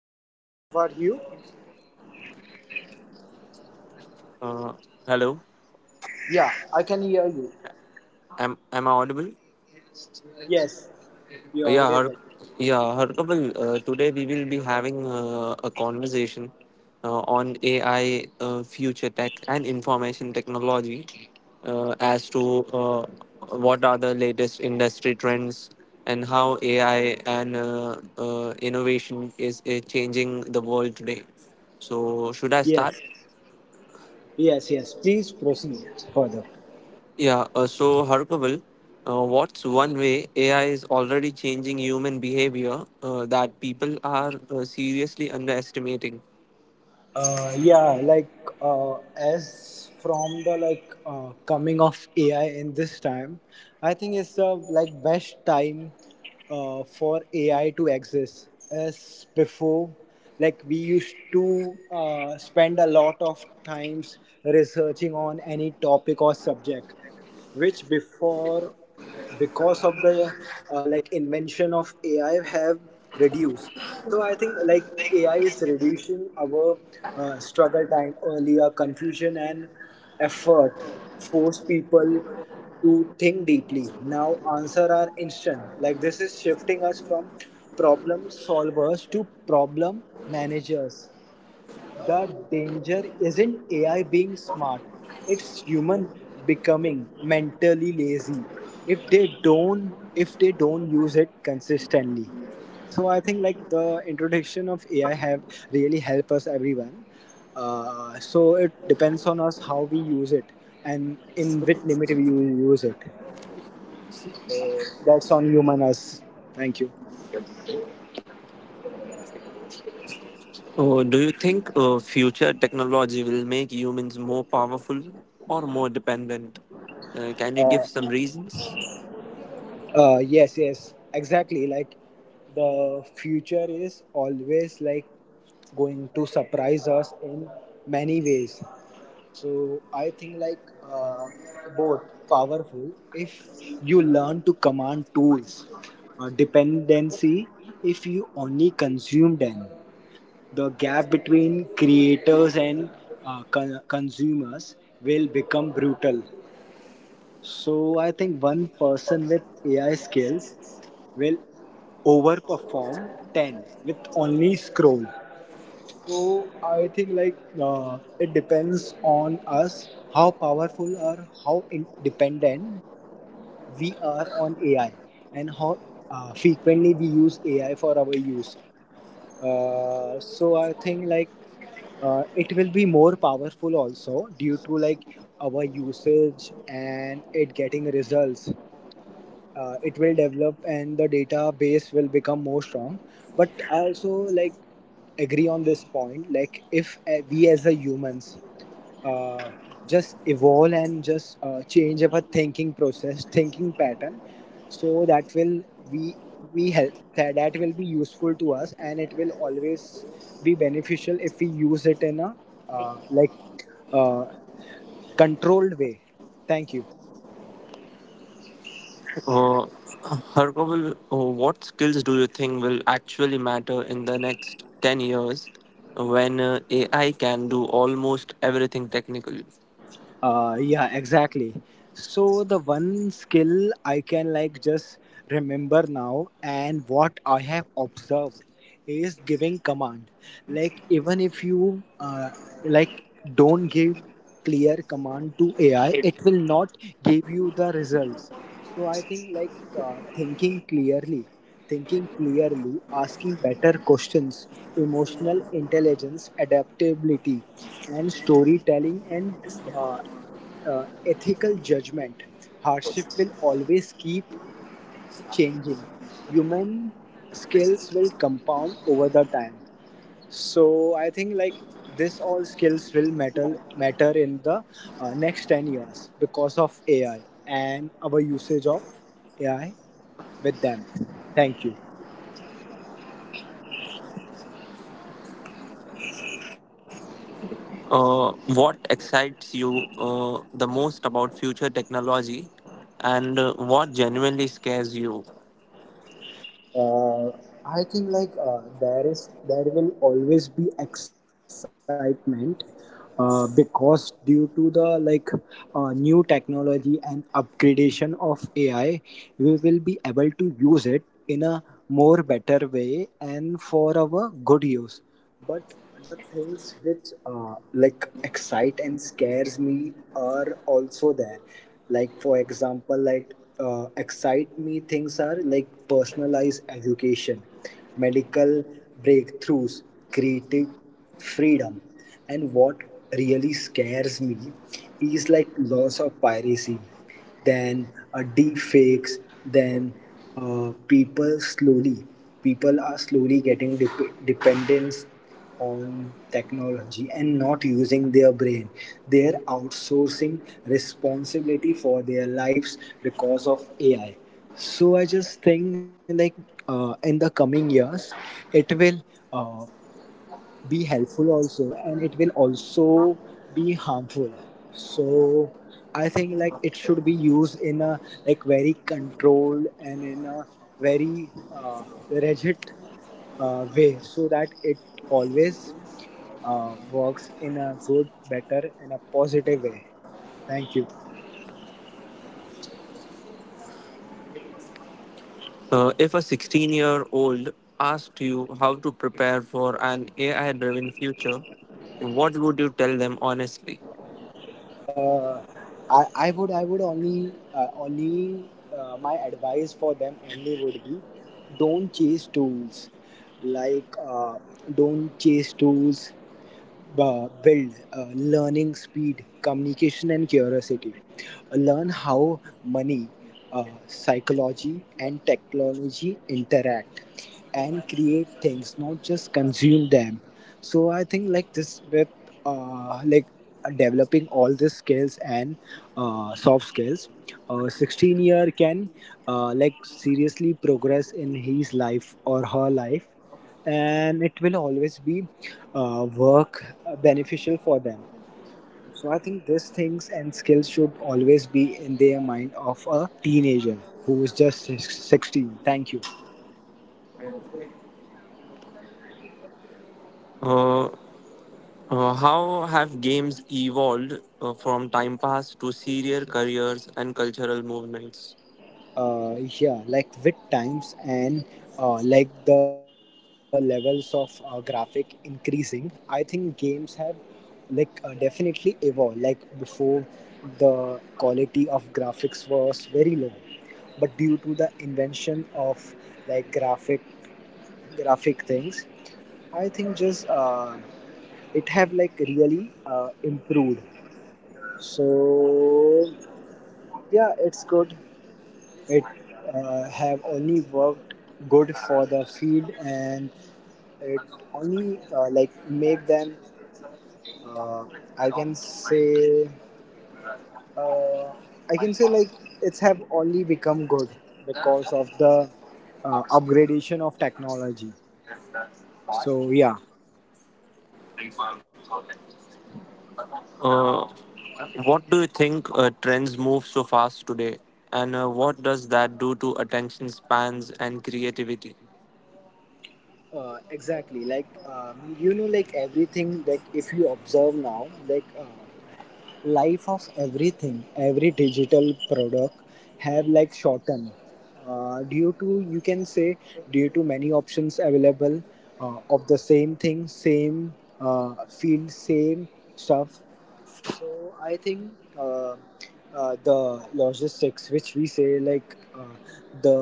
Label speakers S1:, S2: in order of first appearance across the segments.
S1: I'm fine. What about you?
S2: Uh, hello,
S1: Yeah, I can hear you.
S2: am I audible?
S1: Yes, you're audible.
S2: Yeah, Har, yeah, Harkaval. Today we will be having a conversation on AI, future tech, and information technology, as to what are the latest industry trends and how AI and innovation is changing the world today. So, should I start?
S1: Yes. Yes, yes. Please proceed further.
S2: Yeah, so, Harkaval, what's one way AI is already changing human behavior that people are seriously underestimating?
S1: Uh, yeah, like uh, as from the coming of AI in this time, I think it's the like best time for AI to exist. As before, like we used to spend a lot of times researching on any topic or subject, which before because of the like invention of AI have reduced. So I think like AI is reducing our struggle time, earlier confusion and effort, force people to think deeply now. Answer are instant, like this is shifting us from problem solvers to problem managers. The danger isn't AI being smart, it's human becoming mentally lazy if they don't use it consistently. So I think like the introduction of AI have really helped us everyone. So it depends on us how we use it and in which limit we use it. So that's on human us. Thank you.
S2: Do you think future technology will make humans more powerful or more dependent? Can you give some
S1: Uh,
S2: reasons?
S1: Yes, yes, exactly. Like the future is always like going to surprise us in many ways. So I think like both, powerful if you learn to command tools, dependency if you only consume them. The gap between creators and consumers will become brutal. So I think one person with AI skills will overperform 10 with only scroll. So I think like it depends on us how powerful or how dependent we are on AI and how frequently we use AI for our use. So I think like it will be more powerful also due to like our usage, and it getting results, it will develop and the database will become more strong. But I also like agree on this point, like if we as a humans uh, just evolve and just change our thinking process, thinking pattern, so that will we we help that. That will be useful to us and it will always be beneficial if we use it in a uh, like uh, controlled way. Thank you.
S2: Uh, Harkaval, what skills do you think will actually matter in the next 10 years when AI can do almost everything technical?
S1: Yeah, exactly. So the one skill I can like just remember now and what I have observed is giving command. Like even if you like don't give clear command to AI, it will not give you the results. So I think like thinking clearly, thinking clearly, asking better questions, emotional intelligence, adaptability, and storytelling, and uh, ethical judgment. Hardship will always keep changing. Human skills will compound over the time. So I think like this all skills will matter in the next 10 years because of AI and our usage of AI with them. Thank you.
S2: Uh, what excites you the most about future technology and what genuinely scares you?
S1: uh, I think like there is there will always be excitement because due to the like new technology and upgradation of AI, we will be able to use it in a more better way and for our good use. But the things which like excite and scares me are also there. Like for example, like excite me things are like personalized education, medical breakthroughs, creative freedom. And what really scares me is like loss of piracy, then deep fakes, then uh, people slowly, people are slowly getting dependence on technology and not using their brain. They are outsourcing responsibility for their lives because of AI. So I just think like in the coming years, it will. Uh, be helpful also, and it will also be harmful. So I think like it should be used in a like very controlled and in a very rigid way, so that it always works in a good, better and a positive way. Thank you.
S2: If a 16-year-old asked you how to prepare for an AI driven future, what would you tell them honestly?
S1: Uh, I would only only My advice for them only would be don't chase tools, like don't chase tools build learning speed, communication, and curiosity. Learn how money, psychology, and technology interact, and create things, not just consume them. So I think like this with uh, like developing all these skills and soft skills, a 16-year can like seriously progress in his life or her life, and it will always be work beneficial for them. So I think these things and skills should always be in their mind of a teenager who is just 16. Thank you.
S2: Uh, how have games evolved from time pass to serial careers and cultural movements?
S1: Yeah, like with times and the levels of graphic increasing, I think games have definitely evolved. Like before, the quality of graphics was very low, but due to the invention of like graphic things, I think just it have like really improved. So yeah, it's good. It have only worked good for the field, and it only like make them. Uh, I can say uh, I can say like it's have only become good because of the upgradation of technology. So yeah.
S2: Uh, what do you think trends move so fast today, and what does that do to attention spans and creativity?
S1: Exactly. Like, like everything, like if you observe now, like life of everything, every digital product have like shortened due to, you can say, due to many options available of the same thing, same field, same stuff. So I think uh, the logistics which we say like the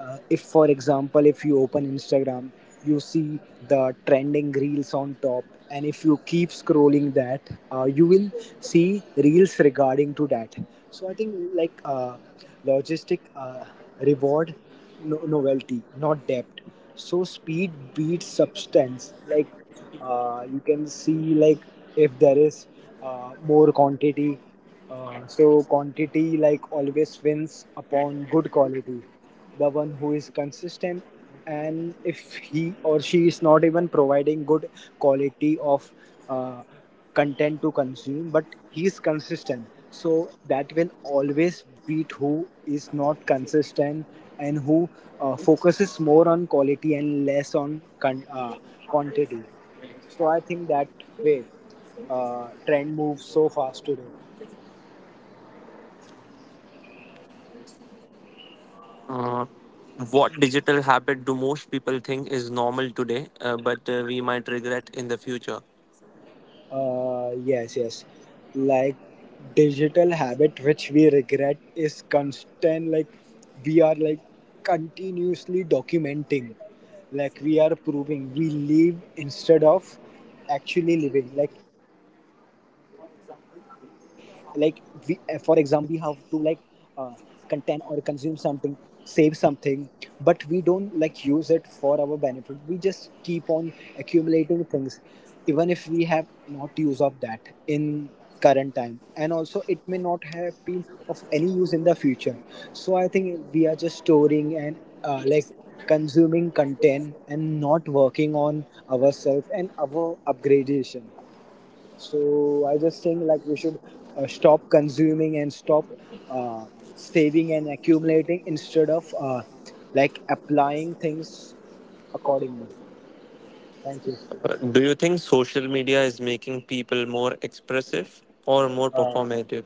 S1: if for example if you open Instagram you see the trending reels on top, and if you keep scrolling that you will see reels regarding to that. So I think like logistic reward novelty, not depth. So speed beats substance. Like you can see like if there is more quantity. So quantity like always wins upon good quality. The one who is consistent, and if he or she is not even providing good quality of uh, content to consume, but he is consistent, so that will always beat who is not consistent and who focuses more on quality and less on quantity. So I think that way trend moves so fast today.
S2: Uh, what digital habit do most people think is normal today, but we might regret in the future?
S1: Yes, yes. Like digital habit which we regret is constant. Like we are like continuously documenting. Like we are proving we live instead of actually living. Like for example, every day we have to like uh, contain or consume something, save something, but we don't like use it for our benefit. We just keep on accumulating things even if we have not use of that in current time, and also it may not have been of any use in the future. So I think we are just storing and uh, like consuming content and not working on ourselves and our upgradation. So I just think like we should stop consuming and stop uh, saving and accumulating instead of applying things accordingly. Thank you.
S2: Do you think social media is making people more expressive or more
S1: Uh,
S2: performative?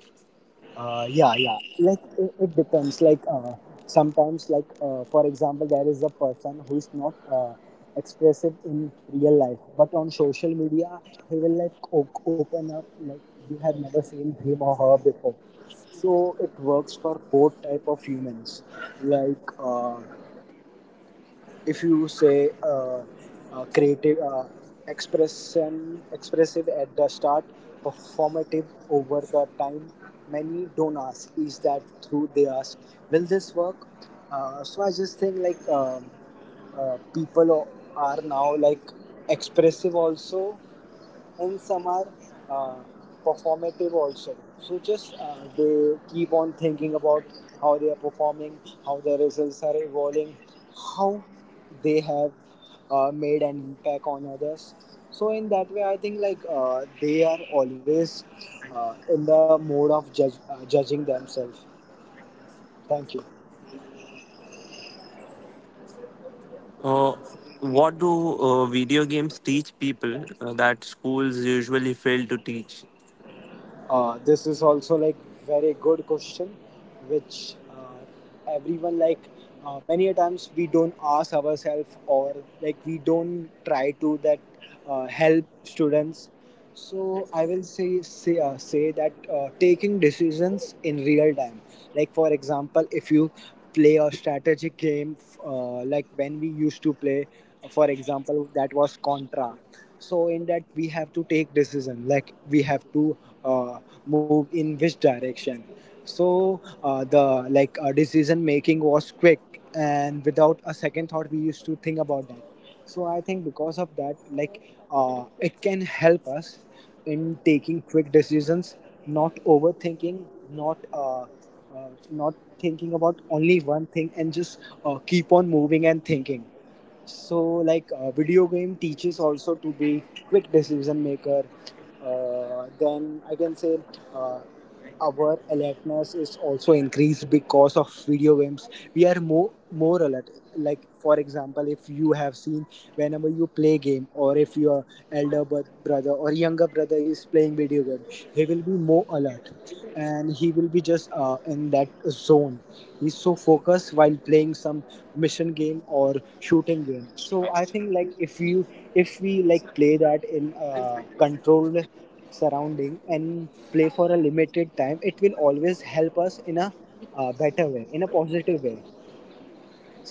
S1: Yeah, yeah. Like it depends. Like for example, there is a person who is not expressive in real life, but on social media, he will like open up like you have never seen him or her before. So it works for both type of humans. Like if you say creative expression expressive at the start, performative over the time. Many don't ask is that true, they ask will this work. So I just think like uh, people o- are now like expressive also, and some are uh, performative also. So just they keep on thinking about how they are performing, how the results are evolving, how they have made an impact on others. So in that way I think like they are always in the mode of judging themselves. Thank you.
S2: Uh, what do video games teach people that schools usually fail to teach?
S1: This is also like very good question, which everyone like many a times we don't ask ourselves, or like we don't try to that help students. So I will say that taking decisions in real time, like for example, if you play a strategic game, like when we used to play, for example, that was Contra. So in that we have to take decision, like we have to uh, move in which direction. So uh, the like uh, decision making was quick and without a second thought we used to think about that. So I think because of that, it can help us in taking quick decisions, not overthinking, not not thinking about only one thing and just keep on moving and thinking. So video game teaches also to be quick decision maker. Then I can say uh, our alertness is also increased because of video games. We are more alert. Like for example, if you have seen whenever you play game, or if your elder brother or younger brother is playing video game, he will be more alert, and he will be just in that zone. He's so focused while playing some mission game or shooting game. So I think like if you if we like play that in a controlled surrounding and play for a limited time, it will always help us in a better way, in a positive way.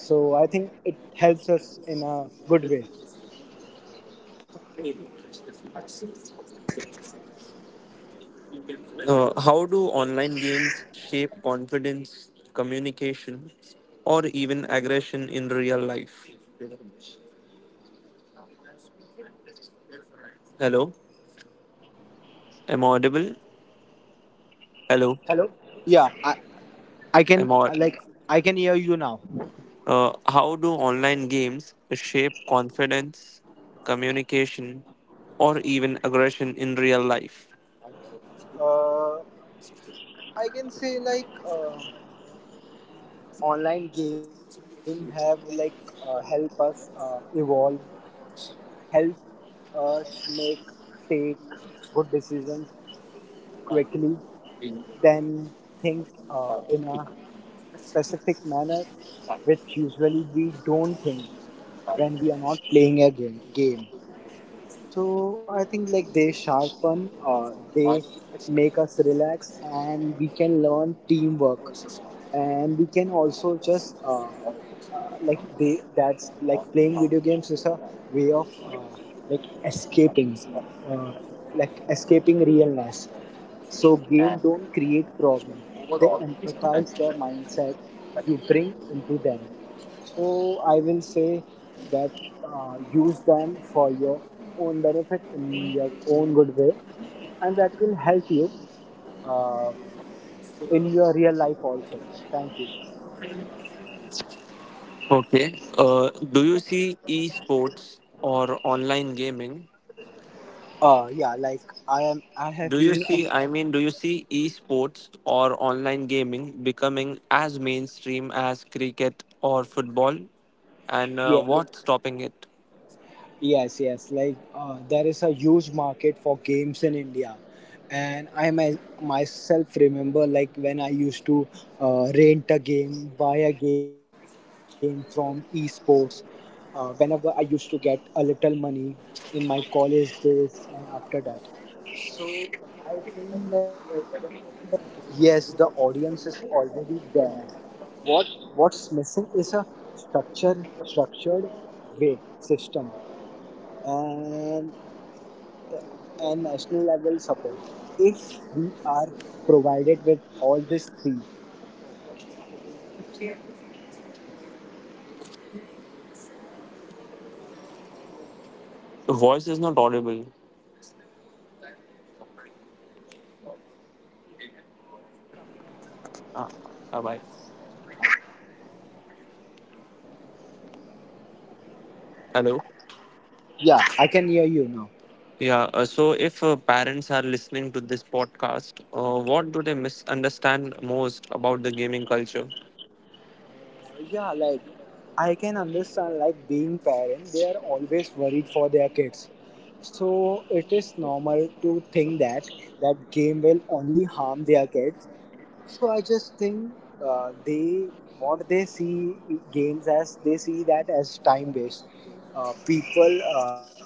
S1: So I think it helps us in a good way.
S2: How do online games shape confidence, communication, or even
S1: Hello.
S2: aggression in real life?
S1: Hello.
S2: Hello,
S1: Hello hello hello.
S2: am I audible? Hello,
S1: Hello. Yeah, I can
S2: am I?
S1: like, I can hear you now.
S2: How do online games shape confidence, communication, or even aggression in real life?
S1: uh, I can say like online game have help us evolve, help us make take good decisions quickly, then think in a specific manner which usually we don't think when we are not playing a game. So I think like they sharpen, they make us relax, and we can learn teamwork, and we can also just like they that's like playing video games is a way of like escaping, uh, like escaping realness. So game don't create problem; they empathize the mindset you bring into them. So I will say that use them for your own benefit in your own good way, and that will help you uh, in your real life also. Thank you.
S2: Okay. Do you see esports or online gaming.
S1: Yeah, like I am. I
S2: Do
S1: have
S2: you
S1: been.
S2: see,
S1: A,
S2: I mean, do you see esports or online gaming becoming as mainstream as cricket or football? And
S1: yeah.
S2: what's stopping it?
S1: Yes, yes. Like there is a huge market for games in India, and I myself remember like when I used to rent a game, buy a game from esports. Whenever I used to get a little money in my college days and after that, so I think like yes, the audience is already there. What what's missing is a structure structured way system, and and national level support. If we are provided with all these three, like a proper structure is there, then a national level support system is there, EA Sports will easily go
S2: The voice is
S1: and
S2: not
S1: can
S2: audible.
S1: easily will go mainstream, and no thing can stop them.
S2: Ah, ah, bye. Hello?
S1: Yeah, I can hear you now.
S2: Yeah, so, if parents are listening to this podcast, what do they misunderstand most about the gaming culture?
S1: Yeah, like I can understand like being parent, they are always worried for their kids. So it is normal to think that game will only harm their kids. So I just think they what they see games as, they see that as time waste. People, like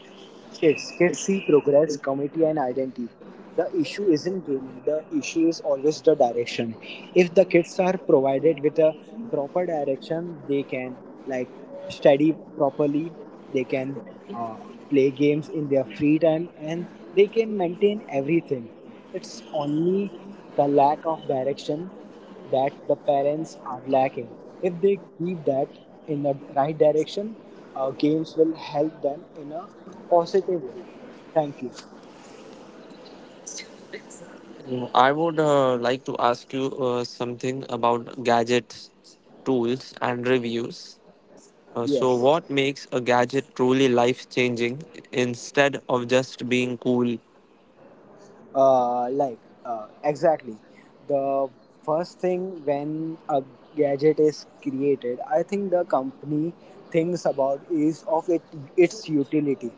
S1: kids, kids see progress, community, and identity. The issue isn't gaming, the issue is always the direction. If the kids are provided with a proper direction, they can like study properly, they can uh, play games in their free time, and they can maintain everything. It's only the lack of direction that the parents are lacking. If they keep that in the right direction, games will help them in a positive way. Thank you.
S2: Mm, I would like to ask you something about gadgets, tools, and reviews. So,
S1: Yes.
S2: what makes a gadget truly life changing instead of just being cool?
S1: Like, exactly. The first thing when a gadget is created, I think the company thinks about is of it, its utility.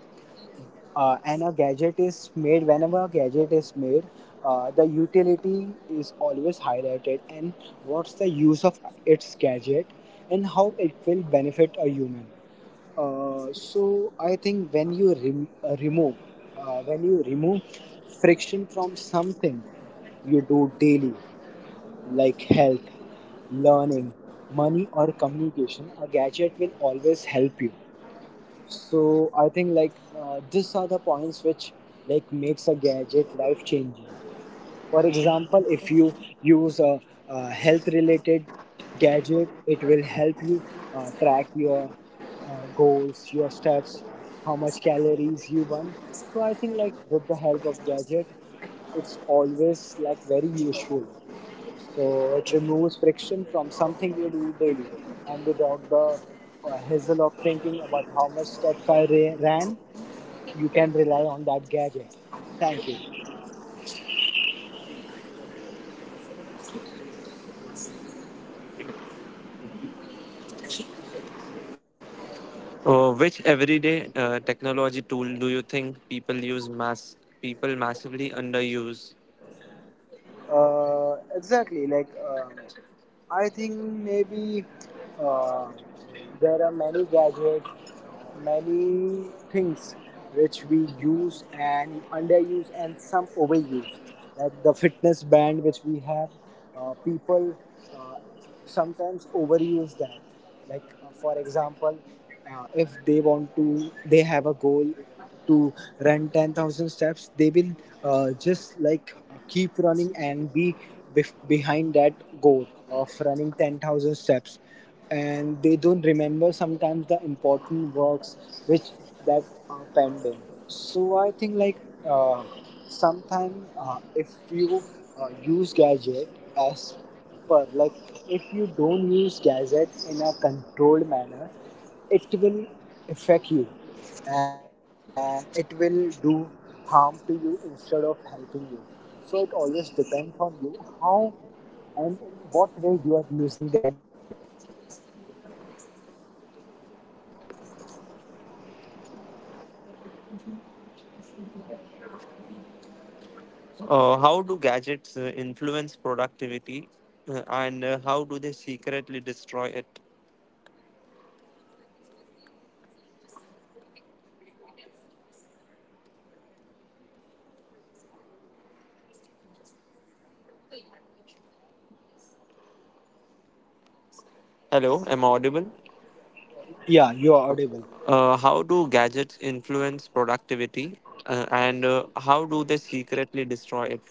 S1: Uh, and a gadget is made, whenever a gadget is made, the utility is always highlighted, and what's the use of its gadget and how it will benefit a human. So I think when you rem- remove when you remove friction from something you do daily, like health, learning, money, or communication, a gadget will always help you. So I think like these are the points which like makes a gadget life changing. For example, if you use a, uh, health related gadget, it will help you track your goals, your steps, how much calories you burn. So I think like with the help of gadget, it's always like very useful. So it removes friction from something we do daily, and without the hassle of thinking about how much steps I ran, you can rely on that gadget. Thank you.
S2: Which everyday technology tool do you think people massively underuse?
S1: Exactly. Like I think maybe uh, there are many gadgets, many things which we use and underuse, and some overuse, like the fitness band which we have. Uh, people uh, sometimes overuse that, like for example, if they want to, they have a goal to run 10,000 steps. They will just keep running and be behind that goal of running 10,000 steps, and they don't remember sometimes the important works which that are pending. So I think like uh, sometime, if you use gadget as per like, if you don't use gadget in a controlled manner, it will affect you, and it will do harm to you instead of helping you. So it always depends on you how and in what way you are using that gadget. Thank you.
S2: How do gadgets influence productivity, and how do they secretly destroy it? Hello, am I audible?
S1: Yeah, you are audible.
S2: How do gadgets influence productivity, and how do they secretly destroy it?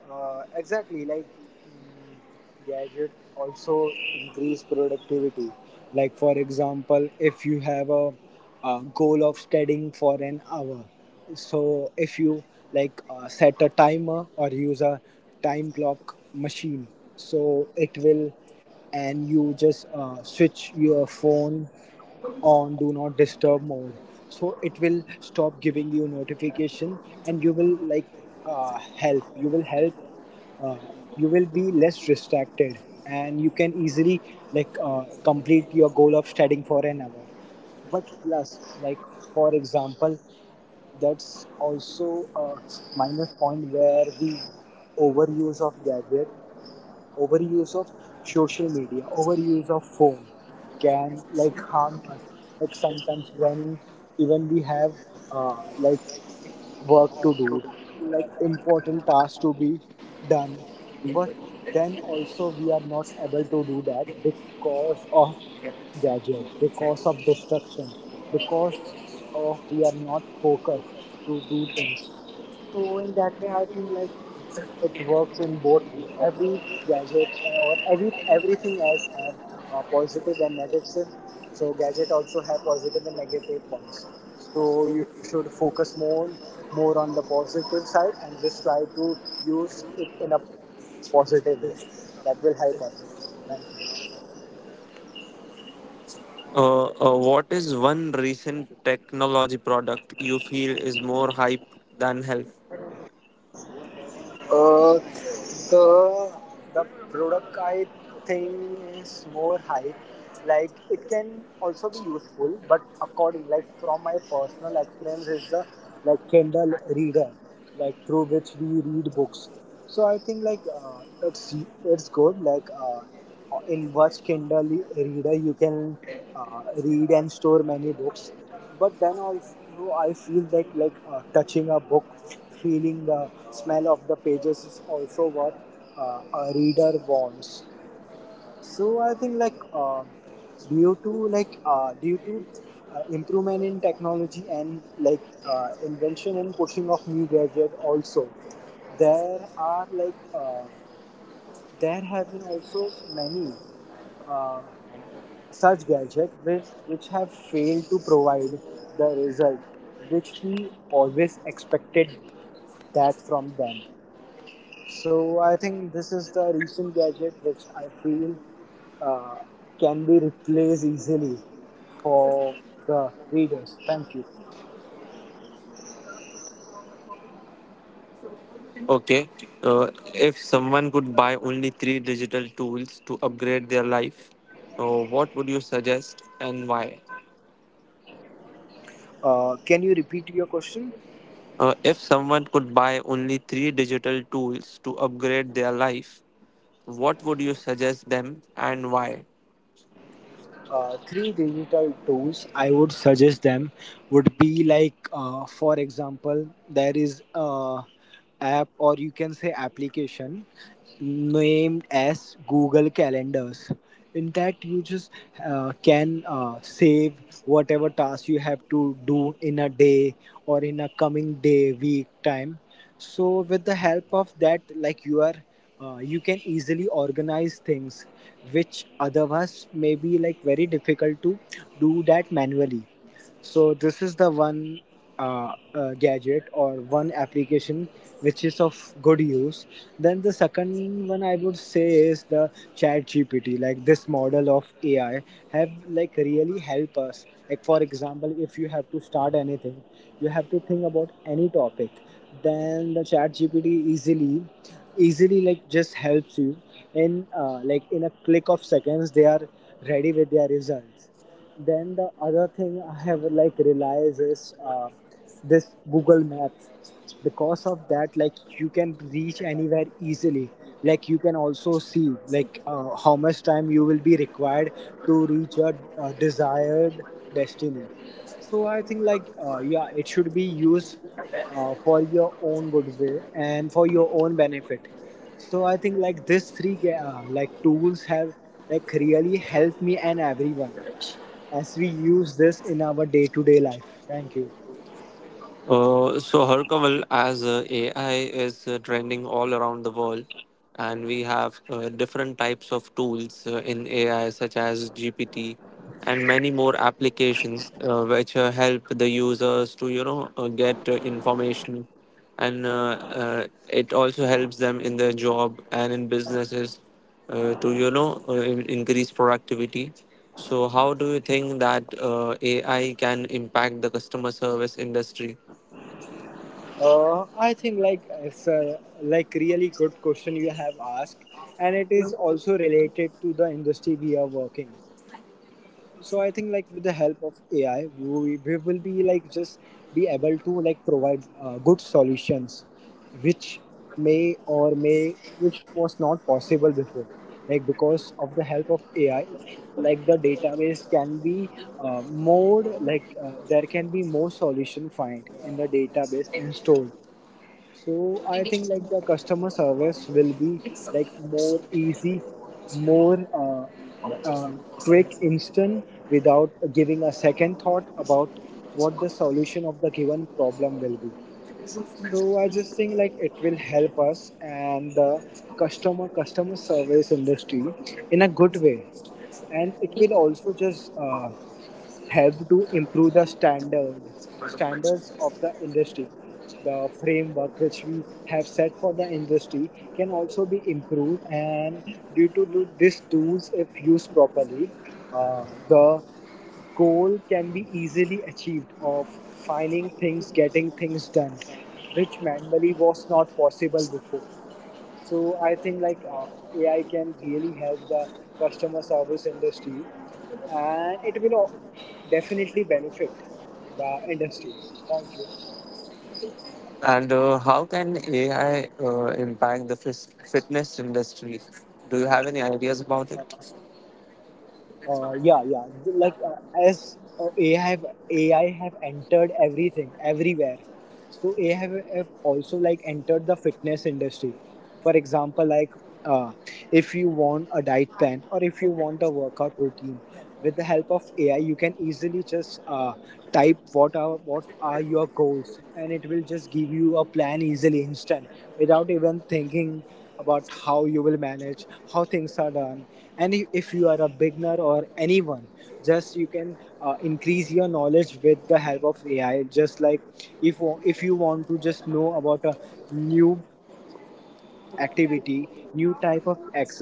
S1: Exactly, like mm, gadget also increase productivity. Like, for example, if you have a, uh, goal of studying for an hour, so if you like set a timer or use a time clock machine, so it will, and you just switch your phone on do not disturb mode, so it will stop giving you notification, and you will like help uh, you will be less distracted, and you can easily complete your goal of studying for an hour. But plus like, for example, that's also a minus point where we overuse of gadget, overuse of social media, overuse of phone can like harm us. Like sometimes when even we have like work to do, like important tasks to be done, but then also we are not able to do that because of gadget, because of distraction, because of we are not focused to do things. So in that way, I think like it works in both ways. Every gadget or everything else have positive and negative. So gadget also have positive and negative points. So you should focus more on the positive side, and just try to use it in a positive way. That will help us. Thank you.
S2: What is one recent technology product you feel is more hype than help?
S1: Uh, the the product I think is more hype. Like it can also be useful, but according like from my personal experience is the like Kindle Reader, like through which we read books. So I think like it's good. Like in which Kindle Reader you can read and store many books, but then also I feel that like touching a book, feeling the smell of the pages is also what a reader wants. So I think like um, due to improvement in technology, and like invention and pushing of new gadget also, there are like uh, there have been also many uh, such gadgets which have failed to provide the result which we always expected that from them. So I think this is the recent gadget which I feel uh, can be replaced easily for the readers. Thank you.
S2: Okay, uh, if someone could buy only three digital tools to upgrade their life, what would you suggest and why?
S1: Uh, can you repeat your question?
S2: If someone could buy only three digital tools to upgrade their life, what would you suggest them and why?
S1: Uh, three digital tools I would suggest them would be like, for example, there is a app, or you can say application named as Google Calendars. In that, you just can save whatever task you have to do in a day or in a coming day, week, time. So, with the help of that, like you are, you can easily organize things which otherwise may be like very difficult to do that manually. So this is the one gadget or one application which is of good use. Then the second one I would say is the Chat GPT. Like this model of AI have like really help us. Like for example, if you have to start anything, you have to think about any topic. Then the Chat GPT easily, easily like just helps you in like in a click of seconds. They are ready with their results. Then the other thing I have like realized is this Google Maps. Because of that, like you can reach anywhere easily. Like you can also see like how much time you will be required to reach your desired destiny. So I think like yeah, it should be used for your own good way and for your own benefit. So I think like these three tools have like really helped me and everyone as we use this in our day-to-day life. Thank you.
S2: So Harkaval, as AI is trending all around the world, and we have different types of tools in AI, such as GPT, and many more applications which help the users to get information, and it also helps them in their job and in businesses to increase productivity. So, how do you think that AI can impact the customer service industry?
S1: Uh, I think like it's a like really good question you have asked, and it is also related to the industry we are working. So I think like with the help of AI we will be like just be able to like provide good solutions which may or may which was not possible before, like because of the help of AI. Like the database can be more like there can be more solution find in the database and stored. So I think like the customer service will be like more easy, more uh, quick, instant, without giving a second thought about what the solution of the given problem will be. So I just think like it will help us and the customer service industry in a good way, and it will also just help to improve the standards of the industry. The framework which we have set for the industry can also be improved, and due to these tools, if used properly, the goal can be easily achieved of finding things, getting things done, which manually was not possible before. So I think like AI can really help the customer service industry, and it will definitely benefit the industry. Thank you.
S2: And how can AI impact the fitness industry? Do you have any ideas about it?
S1: Uh, yeah yeah. Th- like as ai have AI have entered everything, everywhere. So AI have also like entered the fitness industry. For example, like uh, if you want a diet plan, or if you want a workout routine, with the help of AI you can easily just type what are your goals, and it will just give you a plan easily, instant, without even thinking about how you will manage, how things are done. And if you are a beginner or anyone, just you can increase your knowledge with the help of AI. Just like if if you want to just know about a new activity, new type of exercise, or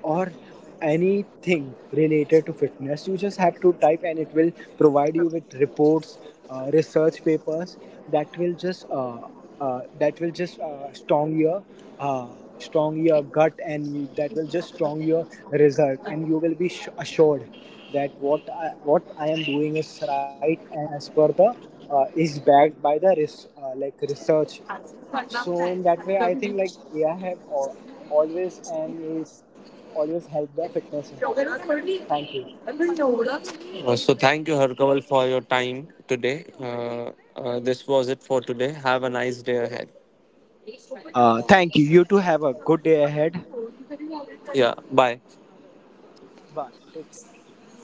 S1: anything related to fitness, you just have to type, and it will provide you with reports, research papers that will just uh, that will just uh, strong your gut, that will just strong your result, and you will be assured that what what I am doing is right, and as per the is backed by the research. So in that way I think like AI always and is always helped the fitness industry. Thank you.
S2: So thank you, Harkaval, for your time today. This was it for today. Have a nice day ahead.
S1: Uh, thank you, you too, have a good day ahead.
S2: Yeah, bye.
S1: Bye, take care.